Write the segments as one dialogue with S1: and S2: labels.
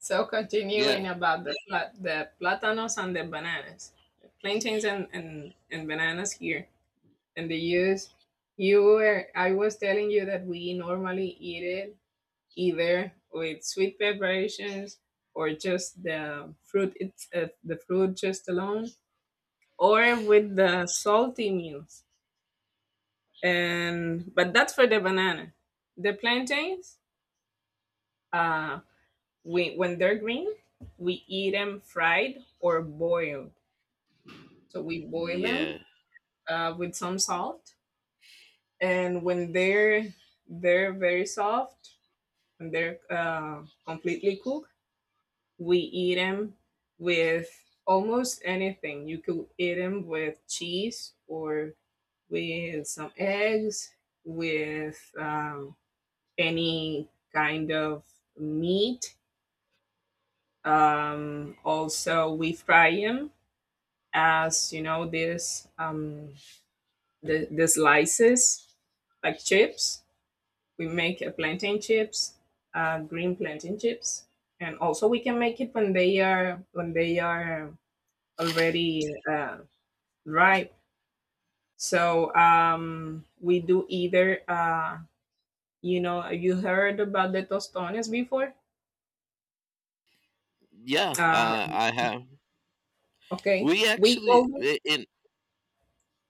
S1: So
S2: Yeah,
S1: continuing about the the platanos and the bananas, plantains and bananas here and the use. You were I was telling you that we normally eat it either with sweet preparations or just the fruit it's the fruit just alone or with the salty meals. And but that's for the banana. The plantains, uh, we when they're green, we eat them fried or boiled. So we boil
S2: yeah,
S1: them with some salt, and when they're very soft and they're completely cooked, we eat them with almost anything. You could eat them with cheese or with some eggs, with any kind of meat. Also, we fry them as you know this the slices, like chips. We make a plantain chips, green plantain chips, and also we can make it when they are already ripe. So we do either you know you heard about the tostones before?
S2: yeah.
S1: Uh,
S2: I have.
S1: okay,
S2: We
S1: we call
S2: actually
S1: them,
S2: I- in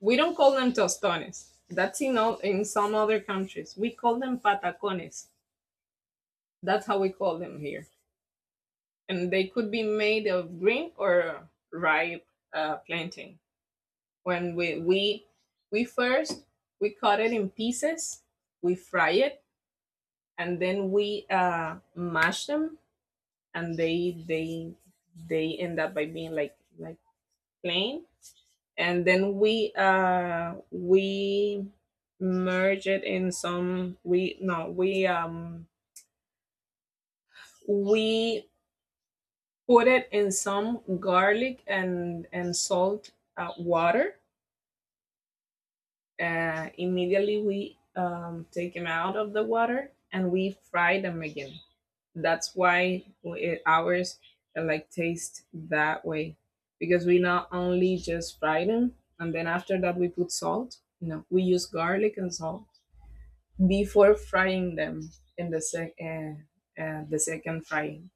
S1: we don't call them tostones. That's in all, in some other countries. We call them patacones. That's how we call them here. And they could be made of green or ripe plantain. When we we first we cut it in pieces, we fry it, and then we mash them, and they they end up by being like plain. And then we merge it in some we no we we put it in some garlic and salt water. Immediately we take them out of the water and we fry them again. That's why we, ours like taste that way because we not only just fry them and then after that we put salt. No, we use garlic and salt before frying them in the the second frying.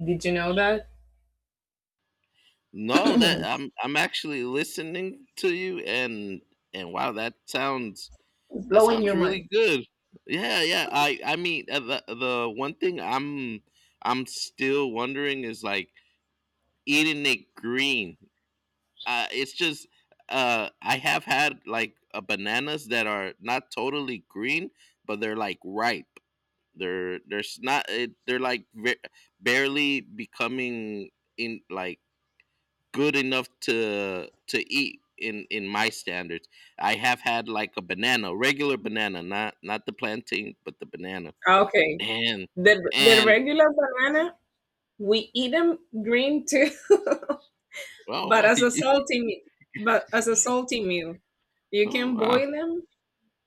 S1: Did you know that?
S2: no, that I'm actually listening to you, and wow,
S1: It's
S2: that
S1: blowing
S2: sounds
S1: your
S2: really
S1: mind.
S2: good. Yeah, yeah. I mean, the one thing I'm still wondering is like eating it green. It's just I have had like, bananas that are not totally green, but they're like ripe. They're There's not it, they're like barely becoming in like good enough to eat in my standards. I have had like a banana, a regular banana, not the plantain, but the banana.
S1: Okay,
S2: And
S1: the
S2: and
S1: regular banana we eat them green too.
S2: oh,
S1: But
S2: why
S1: as a
S2: you,
S1: but as a salty meal, you
S2: oh
S1: can
S2: wow.
S1: boil them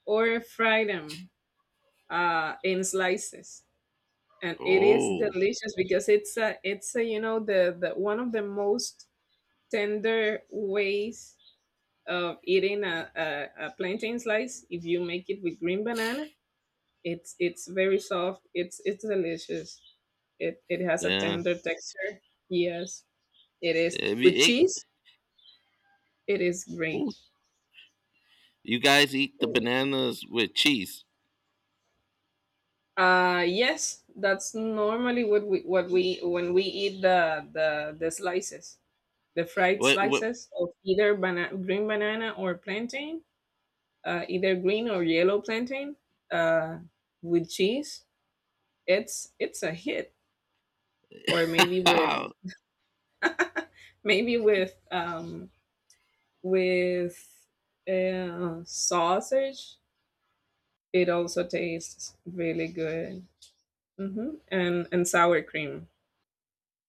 S1: or fry them in slices, and it is
S2: Oh,
S1: delicious because it's a you know the one of the most tender ways of eating a plantain slice. If you make it with green banana, it's very soft. It's delicious. It has a
S2: yeah.
S1: tender texture. Yes, it is
S2: If
S1: with
S2: you ate,
S1: cheese. It is great.
S2: oh, you guys eat the bananas with cheese.
S1: Yes, that's normally what we when we eat the slices, the fried
S2: What
S1: slices of either green banana or plantain, either green or yellow plantain, uh, with cheese. It's a hit, or maybe with sausage. It also tastes really good. Mm-hmm. And sour cream.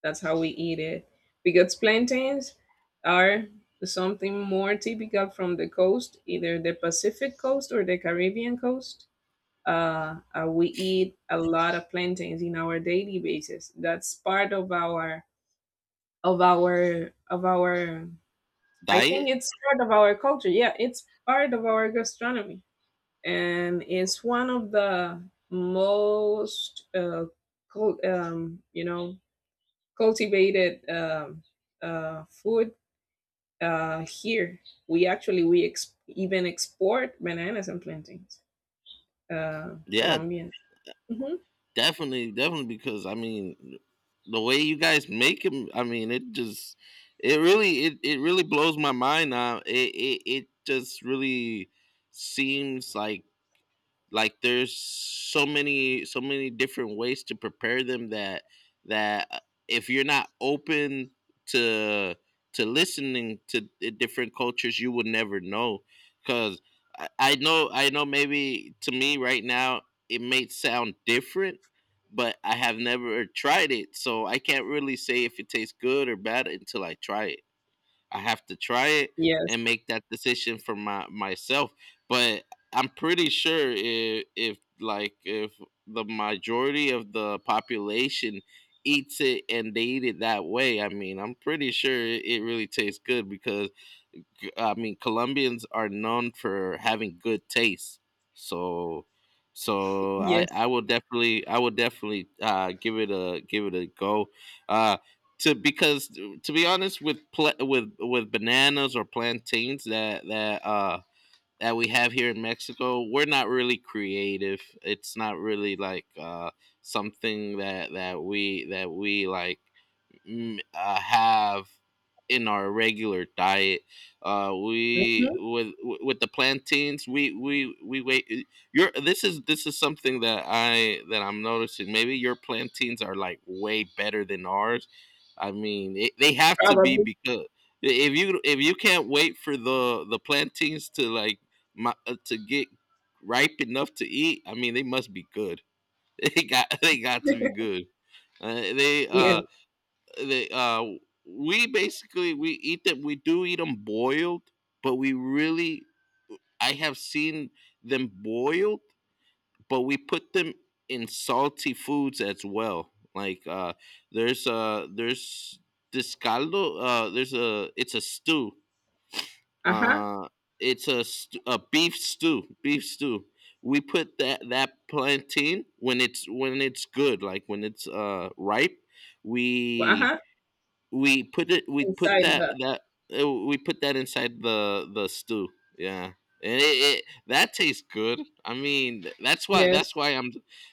S1: That's how we eat it. Because plantains are something more typical from the coast, either the Pacific coast or the Caribbean coast. We eat a lot of plantains in our daily basis. That's part of our of our. I think
S2: diet?
S1: it's part of our culture. Yeah, it's part of our gastronomy, and it's one of the most you know cultivated food here. We actually we even export bananas and plantains.
S2: Yeah.
S1: Colombian. Hmm.
S2: Definitely, definitely, because I mean, the way you guys make him, I mean, it just, it really, it really blows my mind. Now, it just really seems like, there's so many different ways to prepare them, that that if you're not open to listening to the different cultures, you would never know, because I know, maybe to me right now it may sound different, but I have never tried it, so I can't really say if it tastes good or bad until I try it. I have to try it
S1: Yes.
S2: and make that decision for my myself. But I'm pretty sure if, if the majority of the population eats it and they eat it that way, I mean, I'm pretty sure it really tastes good, because I mean, Colombians are known for having good taste. So, so
S1: Yes.
S2: I will definitely, give it a go. Uh, to because to be honest, with pla with bananas or plantains that we have here in Mexico, we're not really creative. It's not really like, something that that we like, have in our regular diet. We,
S1: Hmm.
S2: with the plantains, we wait. Your This is something that I that I'm noticing. Maybe your plantains are like way better than ours. I mean, they have to be
S1: Probably.
S2: because if you can't wait for the plantains to like, to get ripe enough to eat, I mean, they must be good. They got to be good. Uh, they
S1: Yeah.
S2: uh they, uh, we basically we eat them. We do eat them boiled, but we really I have seen them boiled, but we put them in salty foods as well. Like, there's this caldo. There's a It's a stew.
S1: Uh huh.
S2: Uh, it's a beef stew. Beef stew. We put that plantain when it's good, like when it's, ripe.
S1: Uh
S2: We
S1: huh.
S2: we put it we put
S1: Inside
S2: that
S1: the
S2: that We put that inside the stew, yeah, and it that tastes good, I mean that's why
S1: yes.
S2: I'm,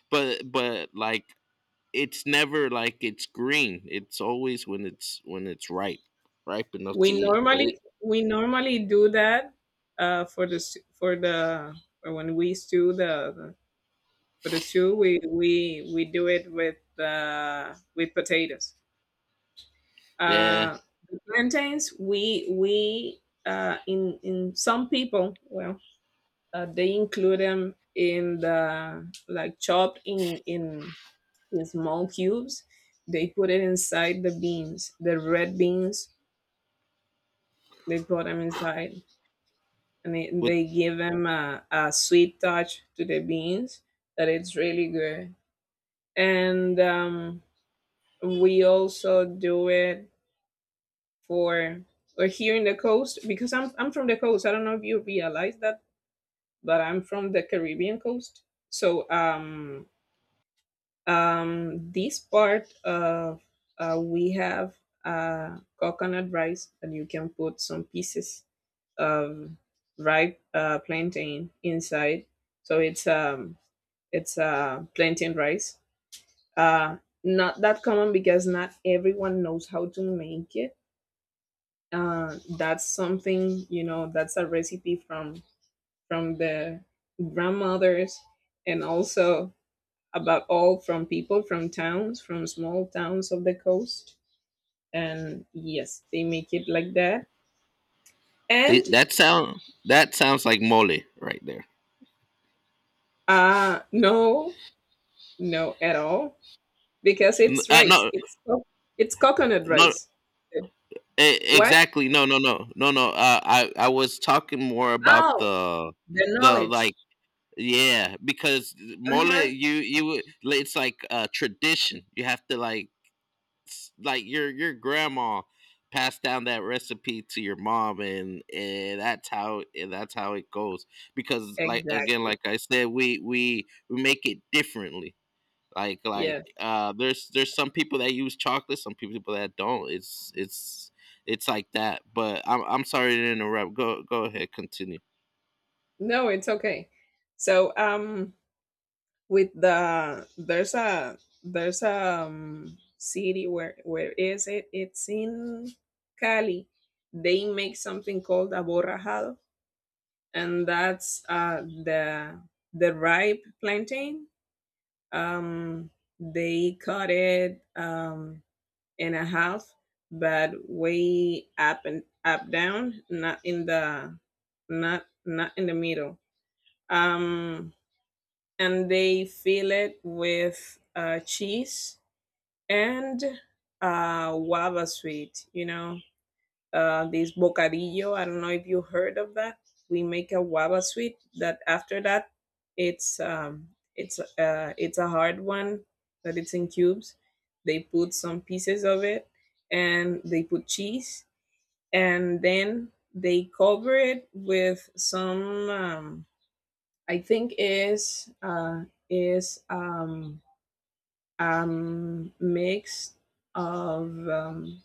S2: but like, it's never like it's green, it's always when it's ripe, enough to
S1: We
S2: eat, but it,
S1: normally we normally do that uh, for the s- for the for when we stew the for the stew we we do it with potatoes.
S2: yeah.
S1: Uh, the plantains, we in some people, well, they include them in the like chopped in in small cubes. They put it inside the beans, the red beans. They put them inside, and they,
S2: with
S1: they give them a sweet touch to the beans that it's really good. And we also do it for or here in the coast because I'm from the coast. I don't know if you realize that, but I'm from the Caribbean coast. So this part of we have coconut rice and you can put some pieces of ripe plantain inside. So it's plantain rice. Uh Not that common because not everyone knows how to make it. That's something you know that's a recipe from the grandmothers and also about all from people from towns from small towns of the coast and yes they make it like that and
S2: That sounds like mole right there.
S1: no no at all because it's rice
S2: No.
S1: it's it's coconut
S2: no
S1: rice. What?
S2: Exactly, no, no, no, no, no, I was talking more about
S1: Oh,
S2: the,
S1: the knowledge.
S2: like, yeah, because mole,
S1: Uh-huh.
S2: like, it's like a tradition. You have to like, like, your grandma passed down that recipe to your mom, and that's how and that's how it goes. Because like, again,
S1: Exactly.
S2: like I said, we make it differently. Like,
S1: Yes.
S2: there's some people that use chocolate, some people that don't. It's like that. But I'm sorry to interrupt. Go ahead, continue.
S1: No, it's okay. So with the there's a city where is it it's in Cali. They make something called aborrajado, and that's the ripe plantain. um they cut it in a half, but way up and up down, not in the not not in the middle. um and they fill it with cheese and guava sweet. You know, this bocadillo. I don't know if you heard of that. We make a guava sweet that after that, it's um, it's a hard one. But it's in cubes. They put some pieces of it and they put cheese and then they cover it with some I think is is um, mix of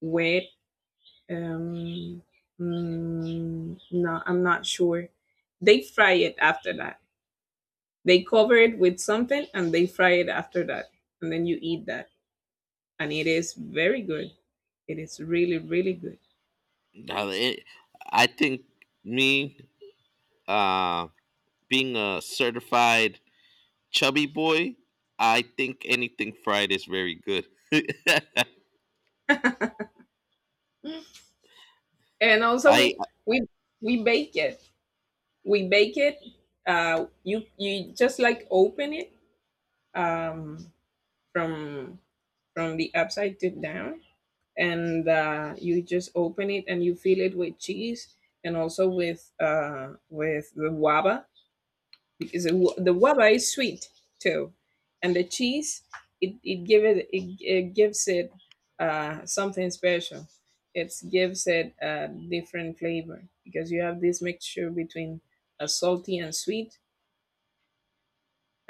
S1: wet. Um, no, I'm not sure. They fry it after that. They cover it with something and they fry it after that, and then you eat that, and it is very good. It is really really good.
S2: Now, I think, me uh, being a certified chubby boy, I think anything fried is very good.
S1: And also
S2: I,
S1: we we bake it. We bake it. You you just like open it. Um, from from the upside to down, and you just open it and you fill it with cheese and also with the waba because the, the waba is sweet too, and the cheese it it give it it, it gives it something special. It gives it a different flavor because you have this mixture between a salty and sweet.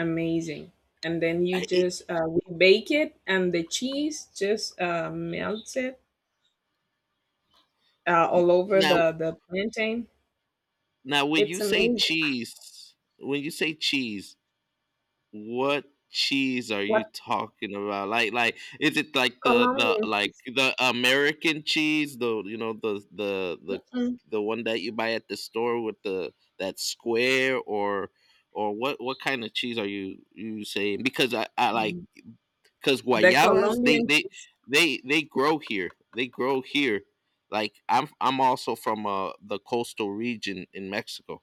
S1: Amazing. And then you
S2: I it,
S1: just we bake it, and the cheese just melts it all over
S2: now
S1: the plantain.
S2: Now, when
S1: It's
S2: you say
S1: amazing.
S2: cheese, what cheese are
S1: What?
S2: you talking about? Like, is it like the,
S1: Colombian
S2: like
S1: cheese?
S2: the American cheese,
S1: Mm-mm.
S2: the one that you buy at the store with the, that square, or what kind of cheese are you saying, because I like,
S1: Mm.
S2: because
S1: The
S2: guayabas,
S1: Colombian cheese.
S2: they grow here, they grow here like I'm also from, the coastal region in Mexico,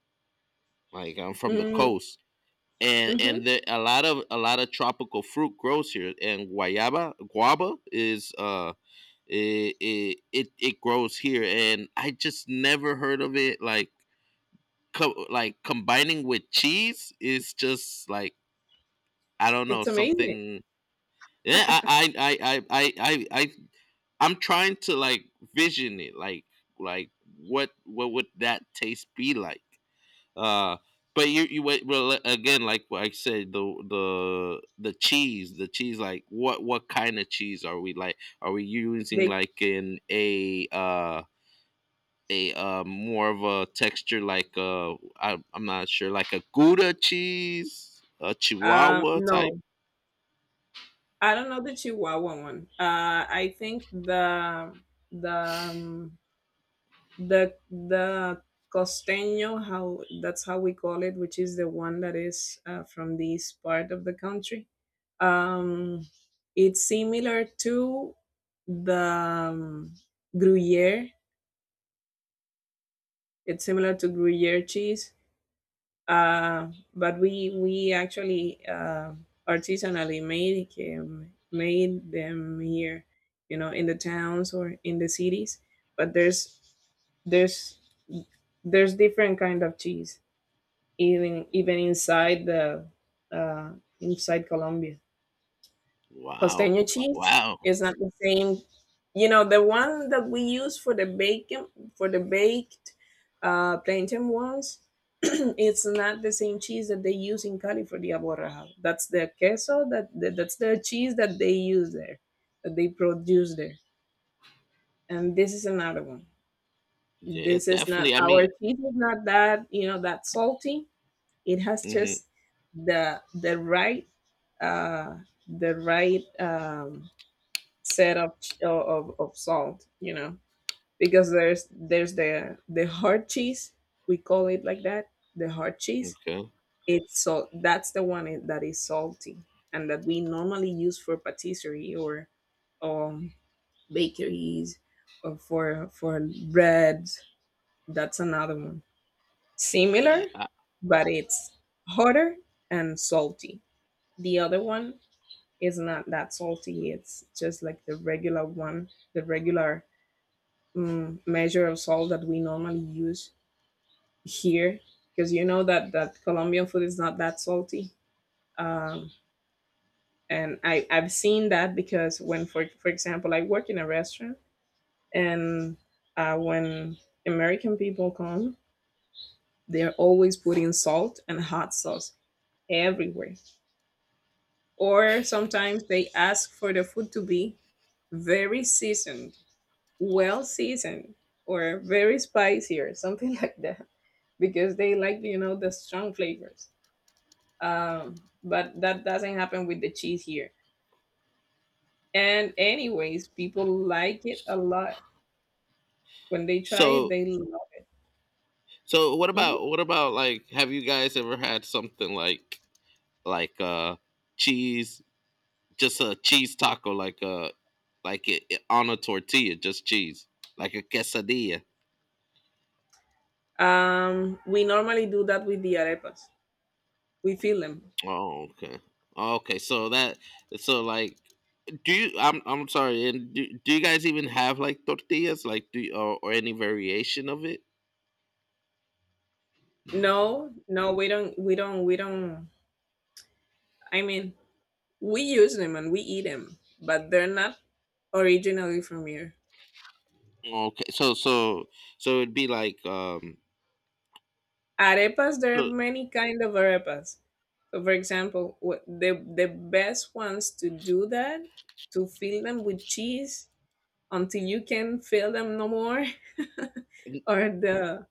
S2: like I'm from the
S1: Mm,
S2: coast,
S1: hmm.
S2: and a lot of tropical fruit grows here, and guayaba guava is, it grows here, and I just never heard of it, like, like combining with cheese is just like, I don't
S1: It's
S2: know,
S1: amazing.
S2: something. Yeah, am trying to, like, vision it, like, like what, would that taste be like? Uh, but you wait, well, again, like what I said, the cheese, like, what kind of cheese are we, like? Are we using,
S1: They
S2: like, in a more of a texture, like, I'm not sure, like a Gouda cheese, a Chihuahua type.
S1: no, I don't know the Chihuahua one. I think the the um, the the costeño how that's how we call it, which is the one that is from this part of the country. um it's similar to the gruyere. It's similar to gruyere cheese. Uh, but we actually artisanally made him, made them here, you know, in the towns or in the cities. But there's there's different kind of cheese, even even inside the uh, inside Colombia.
S2: Wow,
S1: Costeño cheese
S2: wow.
S1: is not the same. You know, the one that we use for the bacon for the baked plantain ones, it's not the same cheese that they use in Cali for the aborrajado. That's the queso that, that that's the cheese that they use there, that they produce there. And this is another one.
S2: Yeah,
S1: This is not
S2: definitely. I
S1: our
S2: mean,
S1: cheese is not that you know that salty. It has
S2: mm-hmm,
S1: just the the right uh the right set of of salt you know because there's the hard cheese, we call it like that, the hard cheese,
S2: okay.
S1: it's salt that's the one that is salty and that we normally use for patisserie or um bakeries or for breads. That's another one,
S2: Yeah,
S1: similar, but it's harder and salty. The other one is not that salty. It's just like the regular one, the regular measure of salt that we normally use here because you know that that Colombian food is not that salty. Um, and I've seen that because when for example I work in a restaurant and when American people come, they're always putting salt and hot sauce everywhere. Or sometimes they ask for the food to be very seasoned, well seasoned, or very spicy or something like that. Because they like you know the strong flavors. But that doesn't happen with the cheese here, and anyways people like it a lot. When they try it
S2: so,
S1: they love
S2: so what
S1: it.
S2: about, like, have you guys ever had something like, like uh cheese, just a cheese taco, like, like, on a tortilla, just cheese, like a quesadilla?
S1: Mhm. We normally do that with the arepas. We fill them
S2: Oh, okay, okay. So that so, like, do you? I'm sorry. And do you guys even have like tortillas, like, do you, or any variation of it?
S1: no no we don't we don't we don't. I mean, we use them and we eat them but they're not originally from here.
S2: Okay, so, it'd be, like,
S1: Arepas, there are
S2: so.
S1: many kind of arepas. So, for example, the best ones to do that, to fill them with cheese until you can fill them no more, are the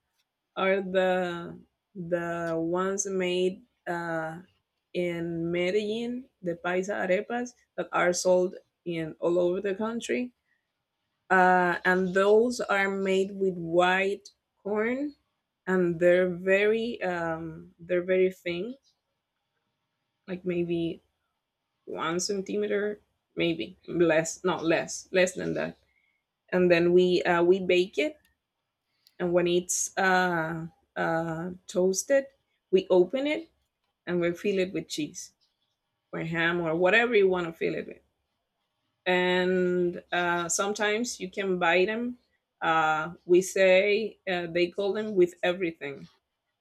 S1: are the ones made uh, in Medellin, the paisa arepas that are sold in all over the country, and those are made with white corn, and they're very thin like maybe 1 centimeter, maybe less, not less, less than that. And then we bake it, and when it's toasted, we open it and we fill it with cheese or ham or whatever you want to fill it with. And sometimes you can buy them. We say they call them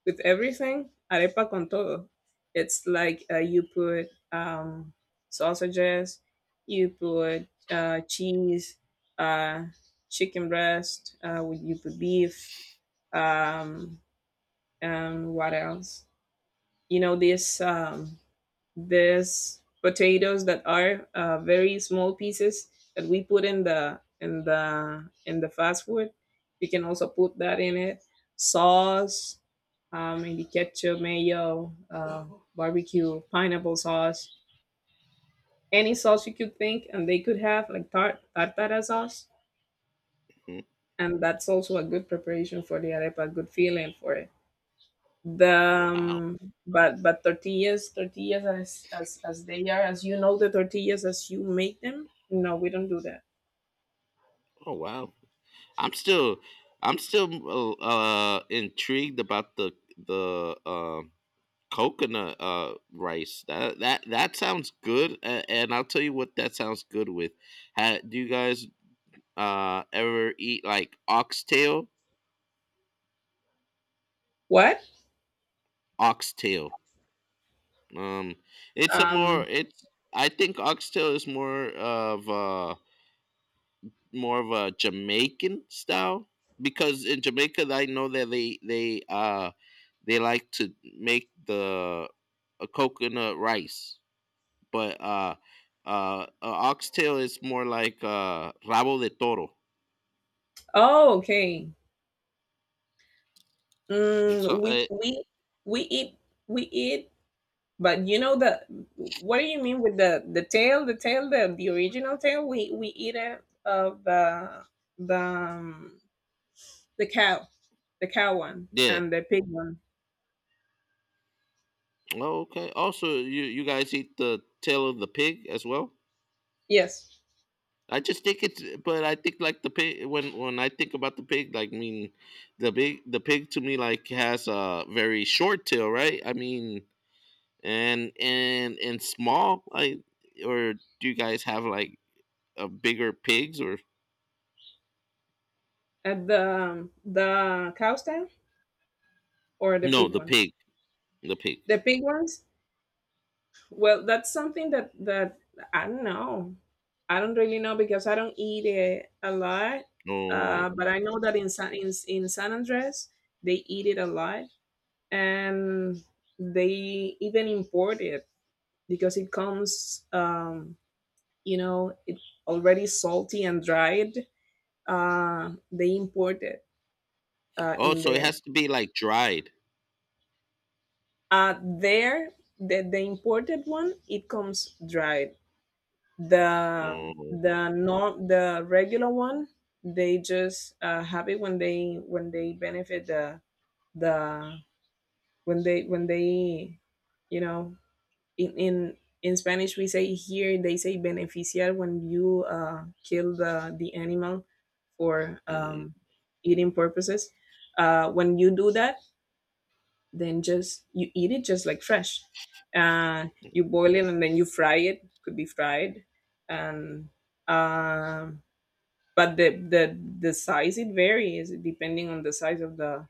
S1: with everything, arepa con todo. It's like you put sausages, you put cheese, uh, chicken breast, you put beef, um, and what else? You know, this. There's potatoes that are very small pieces that we put in the fast food. You can also put that in it. Sauce, maybe ketchup, mayo, barbecue, pineapple sauce, any sauce you could think, and they could have like tartara sauce,
S2: Mm.
S1: and that's also a good preparation for the arepa, good feeling for it. The
S2: Wow.
S1: But tortillas as they are, as you know, the tortillas as you make them, no, we don't do that.
S2: Oh wow. I'm still I'm still, intrigued about the, the uh, coconut, rice. That sounds good, and I'll tell you what that sounds good with. Ha, do you guys ever eat, like, oxtail?
S1: What?
S2: Oxtail. Um it's a
S1: um
S2: more it's I think oxtail is more of a, Jamaican style, because in Jamaica I know that, they like to make the, a coconut rice, but a oxtail is more like, rabo de toro.
S1: oh, okay.
S2: And so,
S1: We we we eat. we eat but you know the, what do you mean with the original tail? We eat it of the the um, the cow, the cow one
S2: yeah.
S1: and the pig one.
S2: Oh, okay. Also, you guys eat the tail of the pig as well.
S1: Yes.
S2: I just think it's, but I think, like, the pig. When I think about the pig, like, I mean, the pig, to me, like, has a very short tail, right? I mean, and small. Like, or do you guys have, like, a bigger pigs or,
S1: At the cow stand, or the
S2: no,
S1: big ones.
S2: the pig
S1: The big ones, well, that's something that I don't know. I don't really know because I don't eat it a lot.
S2: Oh.
S1: But I know that in San Andres, they eat it a lot, and they even import it because it comes, you know, it already salty and dried. They import it
S2: Oh,
S1: in
S2: so it
S1: there.
S2: has to be like dried.
S1: There, the imported one, it comes dried. The
S2: Oh.
S1: the norm the regular one, they just have it when they benefit the the when they you know, in in in Spanish, we say, here they say beneficiar, when you kill the animal for
S2: Mm,
S1: eating purposes. When you do that, then just you eat it just like fresh. Uh, you boil it and then you fry it. Could be fried and um but the size, it varies depending on the size of the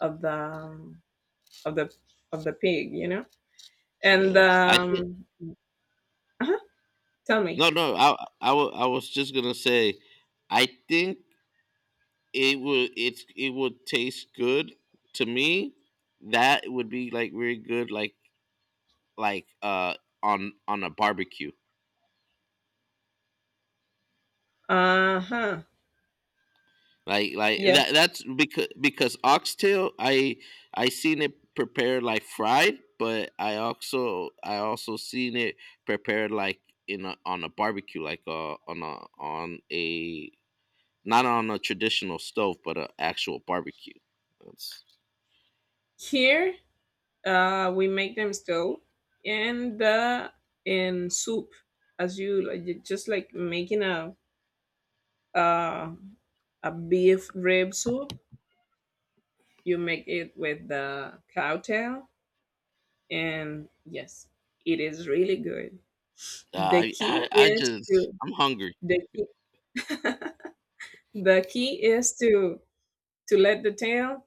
S1: of the of the of the pig, you know. And
S2: yeah. I think.
S1: Uh-huh, tell me.
S2: No, no. I was just gonna say, I think, it would taste good to me, that would be like very good, like, like uh on a barbecue,
S1: Uh-huh.
S2: like,
S1: Yeah.
S2: that, that's because oxtail, I seen it prepared, like, fried, but I also, seen it prepared, like, in a, on a barbecue, like, on a, not on a traditional stove, but an actual barbecue. That's,
S1: Here we make them still in the in soup, as just like making uh a beef rib soup. You make it with the cow tail, and yes, it is really good. The key
S2: I
S1: is to,
S2: just I'm hungry,
S1: the key, the key is to let the tail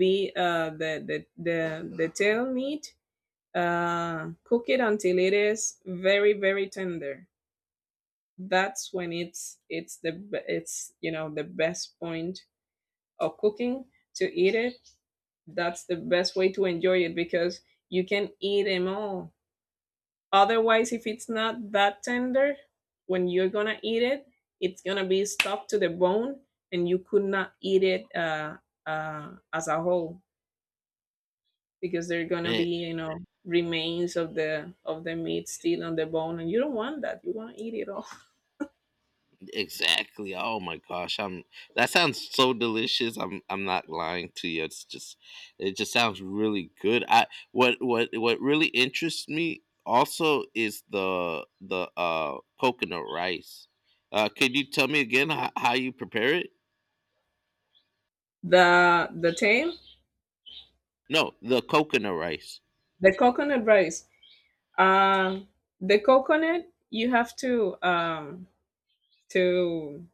S1: be, the tail meat, cook it until it is very very tender. That's when it's it's, you know, the best point of cooking to eat it. That's the best way to enjoy it because you can eat them all. Otherwise, if it's not that tender, when you're gonna eat it, it's gonna be stuck to the bone, and you could not eat it as a whole, because there are gonna be,
S2: man.
S1: you know, remains of the meat still on the bone, and you don't want that. You want to eat it all.
S2: Exactly. Oh my gosh, I'm that sounds so delicious. I'm not lying to you. It just sounds really good. I what What really interests me also is the, coconut rice. Could you tell me again, how you prepare it?
S1: The tail.
S2: No, the coconut rice.
S1: The coconut rice. Um, the coconut, you have to, to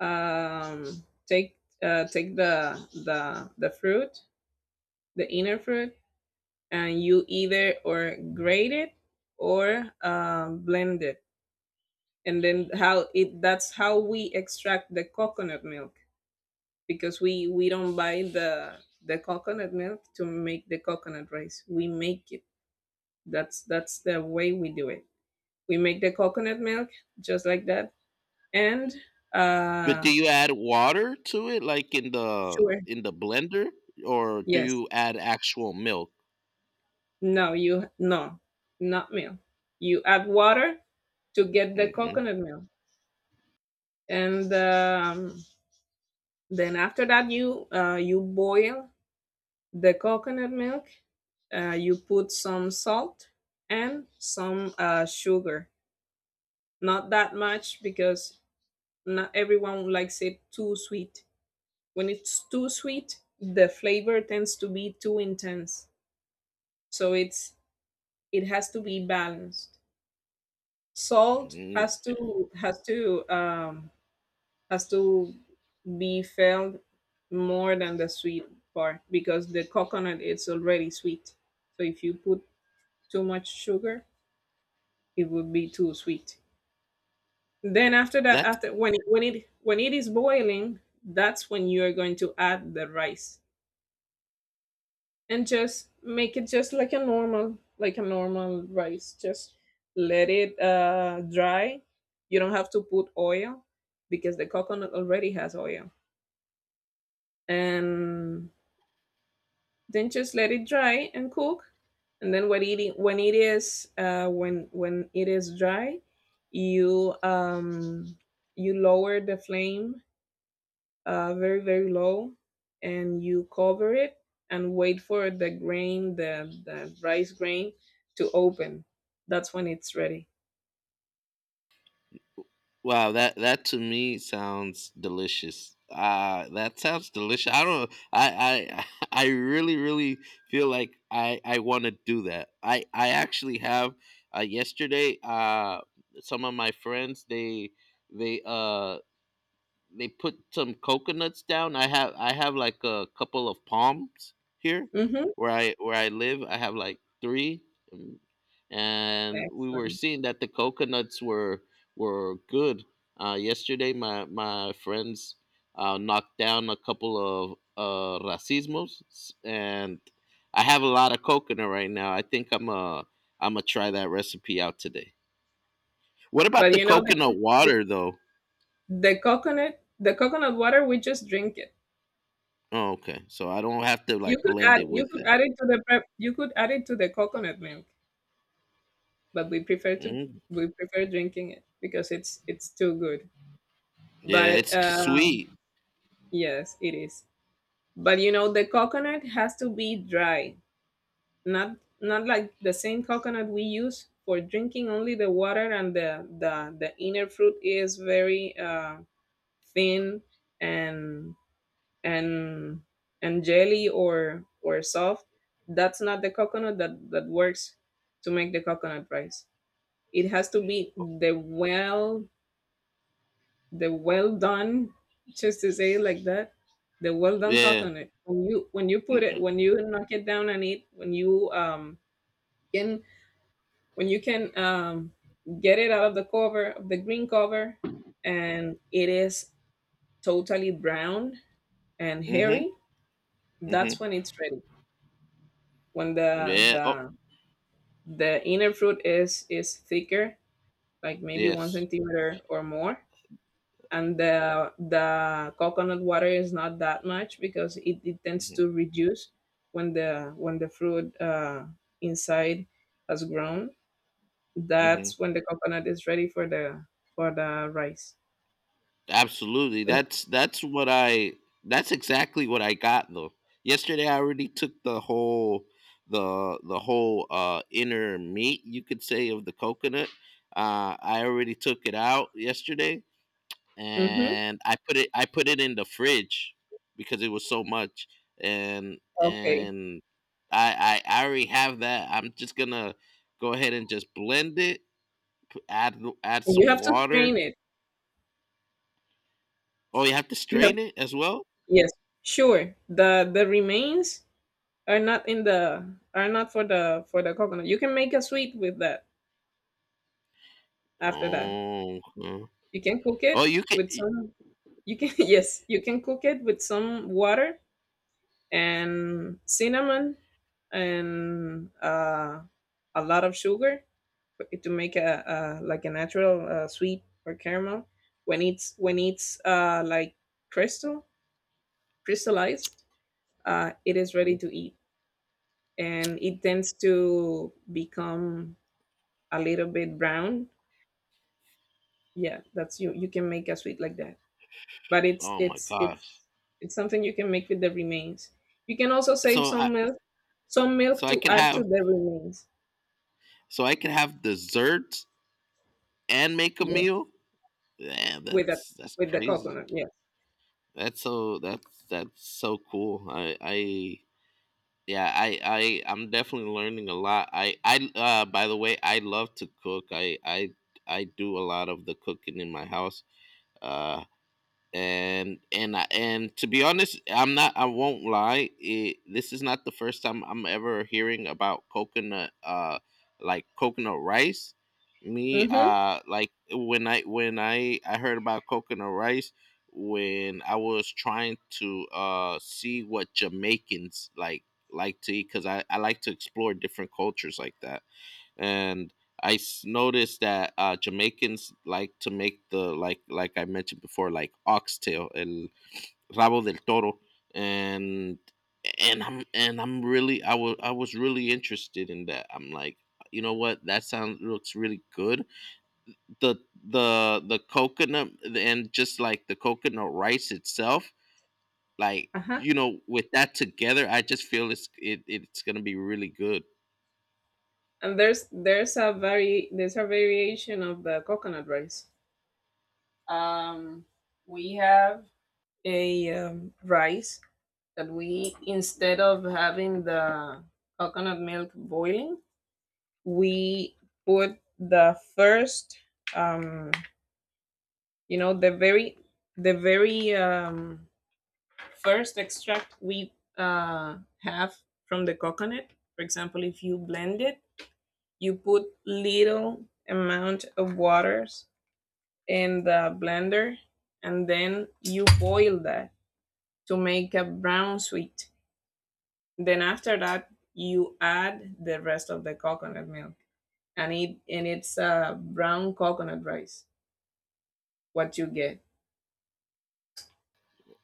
S1: take, take the the fruit, the inner fruit, and you either or grate it or blend it, and then how it that's how we extract the coconut milk, because we don't buy the coconut milk to make the coconut rice. We make it. That's the way we do it. We make the coconut milk just like that. And
S2: But
S1: uh,
S2: do you add water to it, like, in the,
S1: sure.
S2: blender, or do
S1: Yes.
S2: you add actual milk?
S1: No, not milk. You add water to get the
S2: Mhm.
S1: coconut milk. And Then after that you you boil the coconut milk, you put some salt and some sugar, not that much, because not everyone likes it too sweet. When it's too sweet, the flavor tends to be too intense. So it's, it has to be balanced. Salt
S2: Mhm.
S1: has to, has to be felt more than the sweet part, because the coconut is already sweet. So if you put too much sugar, it would be too sweet. Then after that,
S2: That.
S1: after when it is boiling, that's when you are going to add the rice, and just make it just like a normal, like a normal rice. Just let it dry. You don't have to put oil because the coconut already has oil. And Then just let it dry and cook. And then when it is when it is dry, you you lower the flame very very low, and you cover it and wait for the rice grain to open. That's when it's ready.
S2: Wow, that to me sounds delicious. That sounds delicious. I don't. I I really feel like I want to do that. I actually have, yesterday, some of my friends, they uh they put some coconuts down. I have like a couple of palms here
S1: Mm-hmm.
S2: where I live. I have like three, um, and we were
S1: Excellent.
S2: seeing that the coconuts were good. Yesterday, my friends, knocked down a couple of, racismos, and I have a lot of coconut right now. I think I'm gonna try that recipe out today. What about
S1: But
S2: the
S1: you know
S2: coconut
S1: the
S2: water, though?
S1: the coconut, the coconut water, we just drink it.
S2: Oh, okay. So I don't have to,
S1: You
S2: like,
S1: could add,
S2: blend it
S1: you
S2: with
S1: could
S2: that.
S1: add it to the prep, you could add it to the coconut milk, but we prefer to,
S2: Mm.
S1: we prefer drinking it, because it's too good.
S2: Yeah,
S1: But
S2: it's sweet.
S1: Yes, it is. But you know, the coconut has to be dry, not, not like the same coconut we use for drinking. Only the water and the the inner fruit is very thin and and and jelly or soft. That's not the coconut that that works to make the coconut rice. It has to be the well, the well done, just to say it like that, the well done cock
S2: Yeah.
S1: on it. When you put it, when you knock it down and eat, when you, can when you can get it out of the cover, of the green cover, and it is totally brown and
S2: Mm-hmm.
S1: hairy.
S2: Mm-hmm.
S1: That's when it's ready. When
S2: Yeah. Oh,
S1: the inner fruit is thicker, like maybe one
S2: yes.
S1: centimeter or more, and the coconut water is not that much because it tends
S2: Mm-hmm.
S1: to reduce when the fruit, inside, has grown.
S2: Hmm.
S1: That's when the coconut is ready for the rice.
S2: Absolutely. That's what I. That's exactly what I got, though. Yesterday I already took the whole, the whole, inner meat, you could say, of the coconut. I already took it out yesterday,
S1: Mm-hmm.
S2: and I put it in the fridge because it was so much,
S1: Okay.
S2: and I already have that. I'm just gonna go ahead and just blend it, add
S1: And you
S2: some
S1: have to
S2: water.
S1: strain it.
S2: Oh, you have to
S1: You have,
S2: strain it as well.
S1: yes, sure, the remains are not in the, are not for the, for the coconut. You can make a sweet with that after that.
S2: Oh, huh.
S1: You can cook
S2: Oh,
S1: it
S2: you can.
S1: with some, you can yes, you can cook it with some water and cinnamon and a lot of sugar, for it to make a like a natural sweet or caramel. When it's like crystal, crystallized, it is ready
S2: Mhm.
S1: to eat, and it tends to become a little bit brown. Yeah, that's you. You can make a sweet like that, but
S2: Oh my gosh!
S1: it's something you can make with the remains. You can also save
S2: So I
S1: some milk
S2: so I
S1: to
S2: can
S1: add to
S2: have
S1: the remains.
S2: so I can have desserts and make a
S1: Yeah,
S2: meal. Yeah,
S1: with the
S2: that's
S1: with the
S2: crazy.
S1: coconut. Yes.
S2: That's so cool. I Yeah, I'm definitely learning a lot. I By the way, I love to cook. I do a lot of the cooking in my house. Uh and, to be honest, I'm not. I won't lie. This is not the first time I'm ever hearing about coconut, like, coconut rice.
S1: Mm-hmm.
S2: Like, when I, I heard about coconut rice when I was trying to, see what Jamaicans, like, to eat, because I like to explore different cultures like that, and noticed that, Jamaicans like to make the, like, I mentioned before, like oxtail, el rabo del toro, and and I'm really, I was really interested in that. I'm like, you know what, that sounds looks really good. The the coconut and just like the coconut rice itself, like,
S1: Uh-huh.
S2: you know, with that together, I just feel it, it's gonna be really good.
S1: And there's a very, there's a variation of the coconut rice. Um, we have a rice that we, instead of having the coconut milk boiling, we put the first, um the very, the very um, first extract we have from the coconut. For example, if you blend it, you put little amount of waters in the blender, and then you boil that to make a brown sweet. Then after that you add the rest of the coconut milk, and it's a brown coconut rice what you get.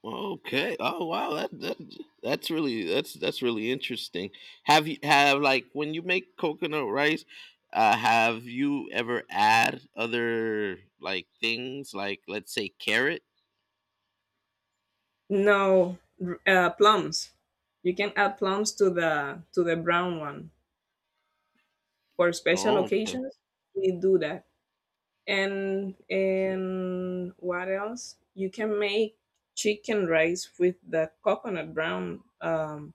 S2: Okay. Oh wow, that's really, that's really interesting. Have you have like When you make coconut rice, have you ever add other, like, things, like, let's say, carrot?
S1: No, plums. You can add plums to the brown one for special
S2: Oh, okay.
S1: occasions. We do that, and what else? You can make chicken rice with the coconut brown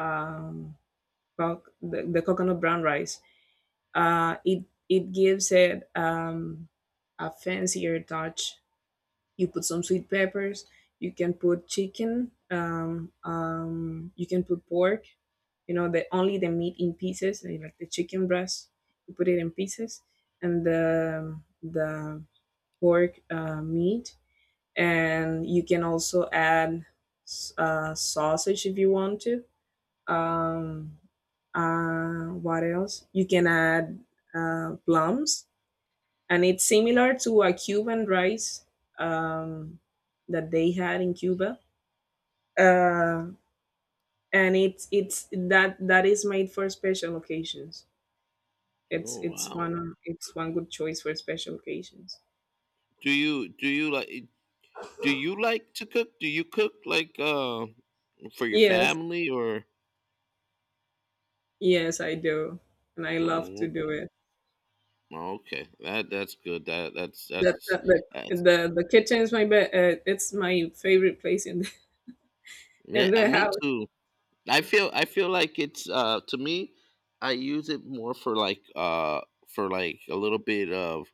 S1: um the coconut brown rice. It it gives it a fancier touch. You put some sweet peppers. You can put chicken. You can put pork, you know, the only the meat in pieces, like the chicken breast, you put it in pieces, and the pork meat, and you can also add sausage if you want to. um, what else you can add? Plums. And it's similar to a Cuban rice um, that they had in Cuba, uh, and it's that that is made for special occasions.
S2: Oh
S1: It's
S2: wow.
S1: one, it's one good choice for special occasions.
S2: Do you like, do you like to cook? Do you cook like, for your
S1: Yes,
S2: family, or?
S1: yes, I do, and I love to
S2: Oh,
S1: do it.
S2: okay. That's good.
S1: The
S2: That's,
S1: the kitchen is my best. It's my favorite place in the, in the
S2: me
S1: house.
S2: too. I feel like it's, to me, I use it more for like, for like a little bit of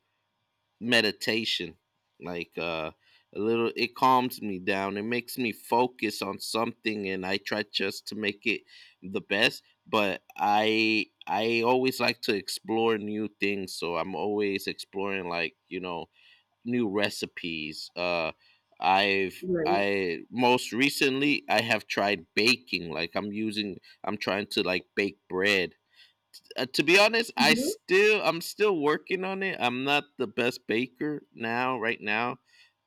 S2: meditation. Like, a little, it calms me down. It makes me focus on something, and I try just to make it the best, but I always like to explore new things, so I'm always exploring, like, you know, new recipes. I've
S1: Right.
S2: I Most recently I have tried baking. Like, I'm trying to, like, bake bread. To be honest,
S1: Mhm.
S2: I'm still working on it. I'm not the best baker now right now,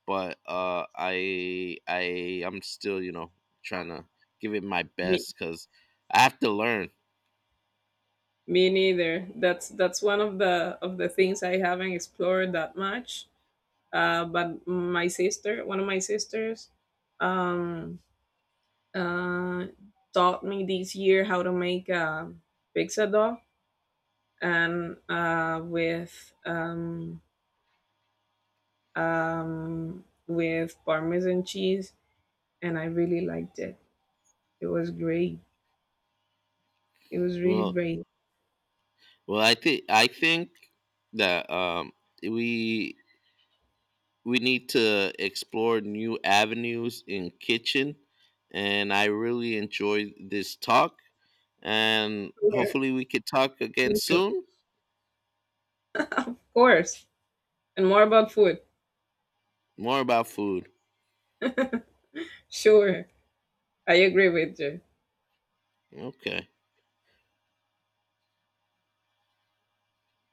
S2: but, I'm still, you know, trying to give it my
S1: Me,
S2: best because I have to learn.
S1: me neither. That's one of the things I haven't explored that much. But my sister, one of my sisters, um, uh, taught me this year how to make a pizza dough, and with Parmesan cheese, and I really liked it. It was great. It was really
S2: Well,
S1: great.
S2: well, I think, that, we we need to explore new avenues in kitchen, and I really enjoyed this talk, and
S1: Sure,
S2: hopefully we could talk again
S1: me too.
S2: soon,
S1: Of course, and more about food.
S2: more about food.
S1: Sure, I agree with you.
S2: Okay.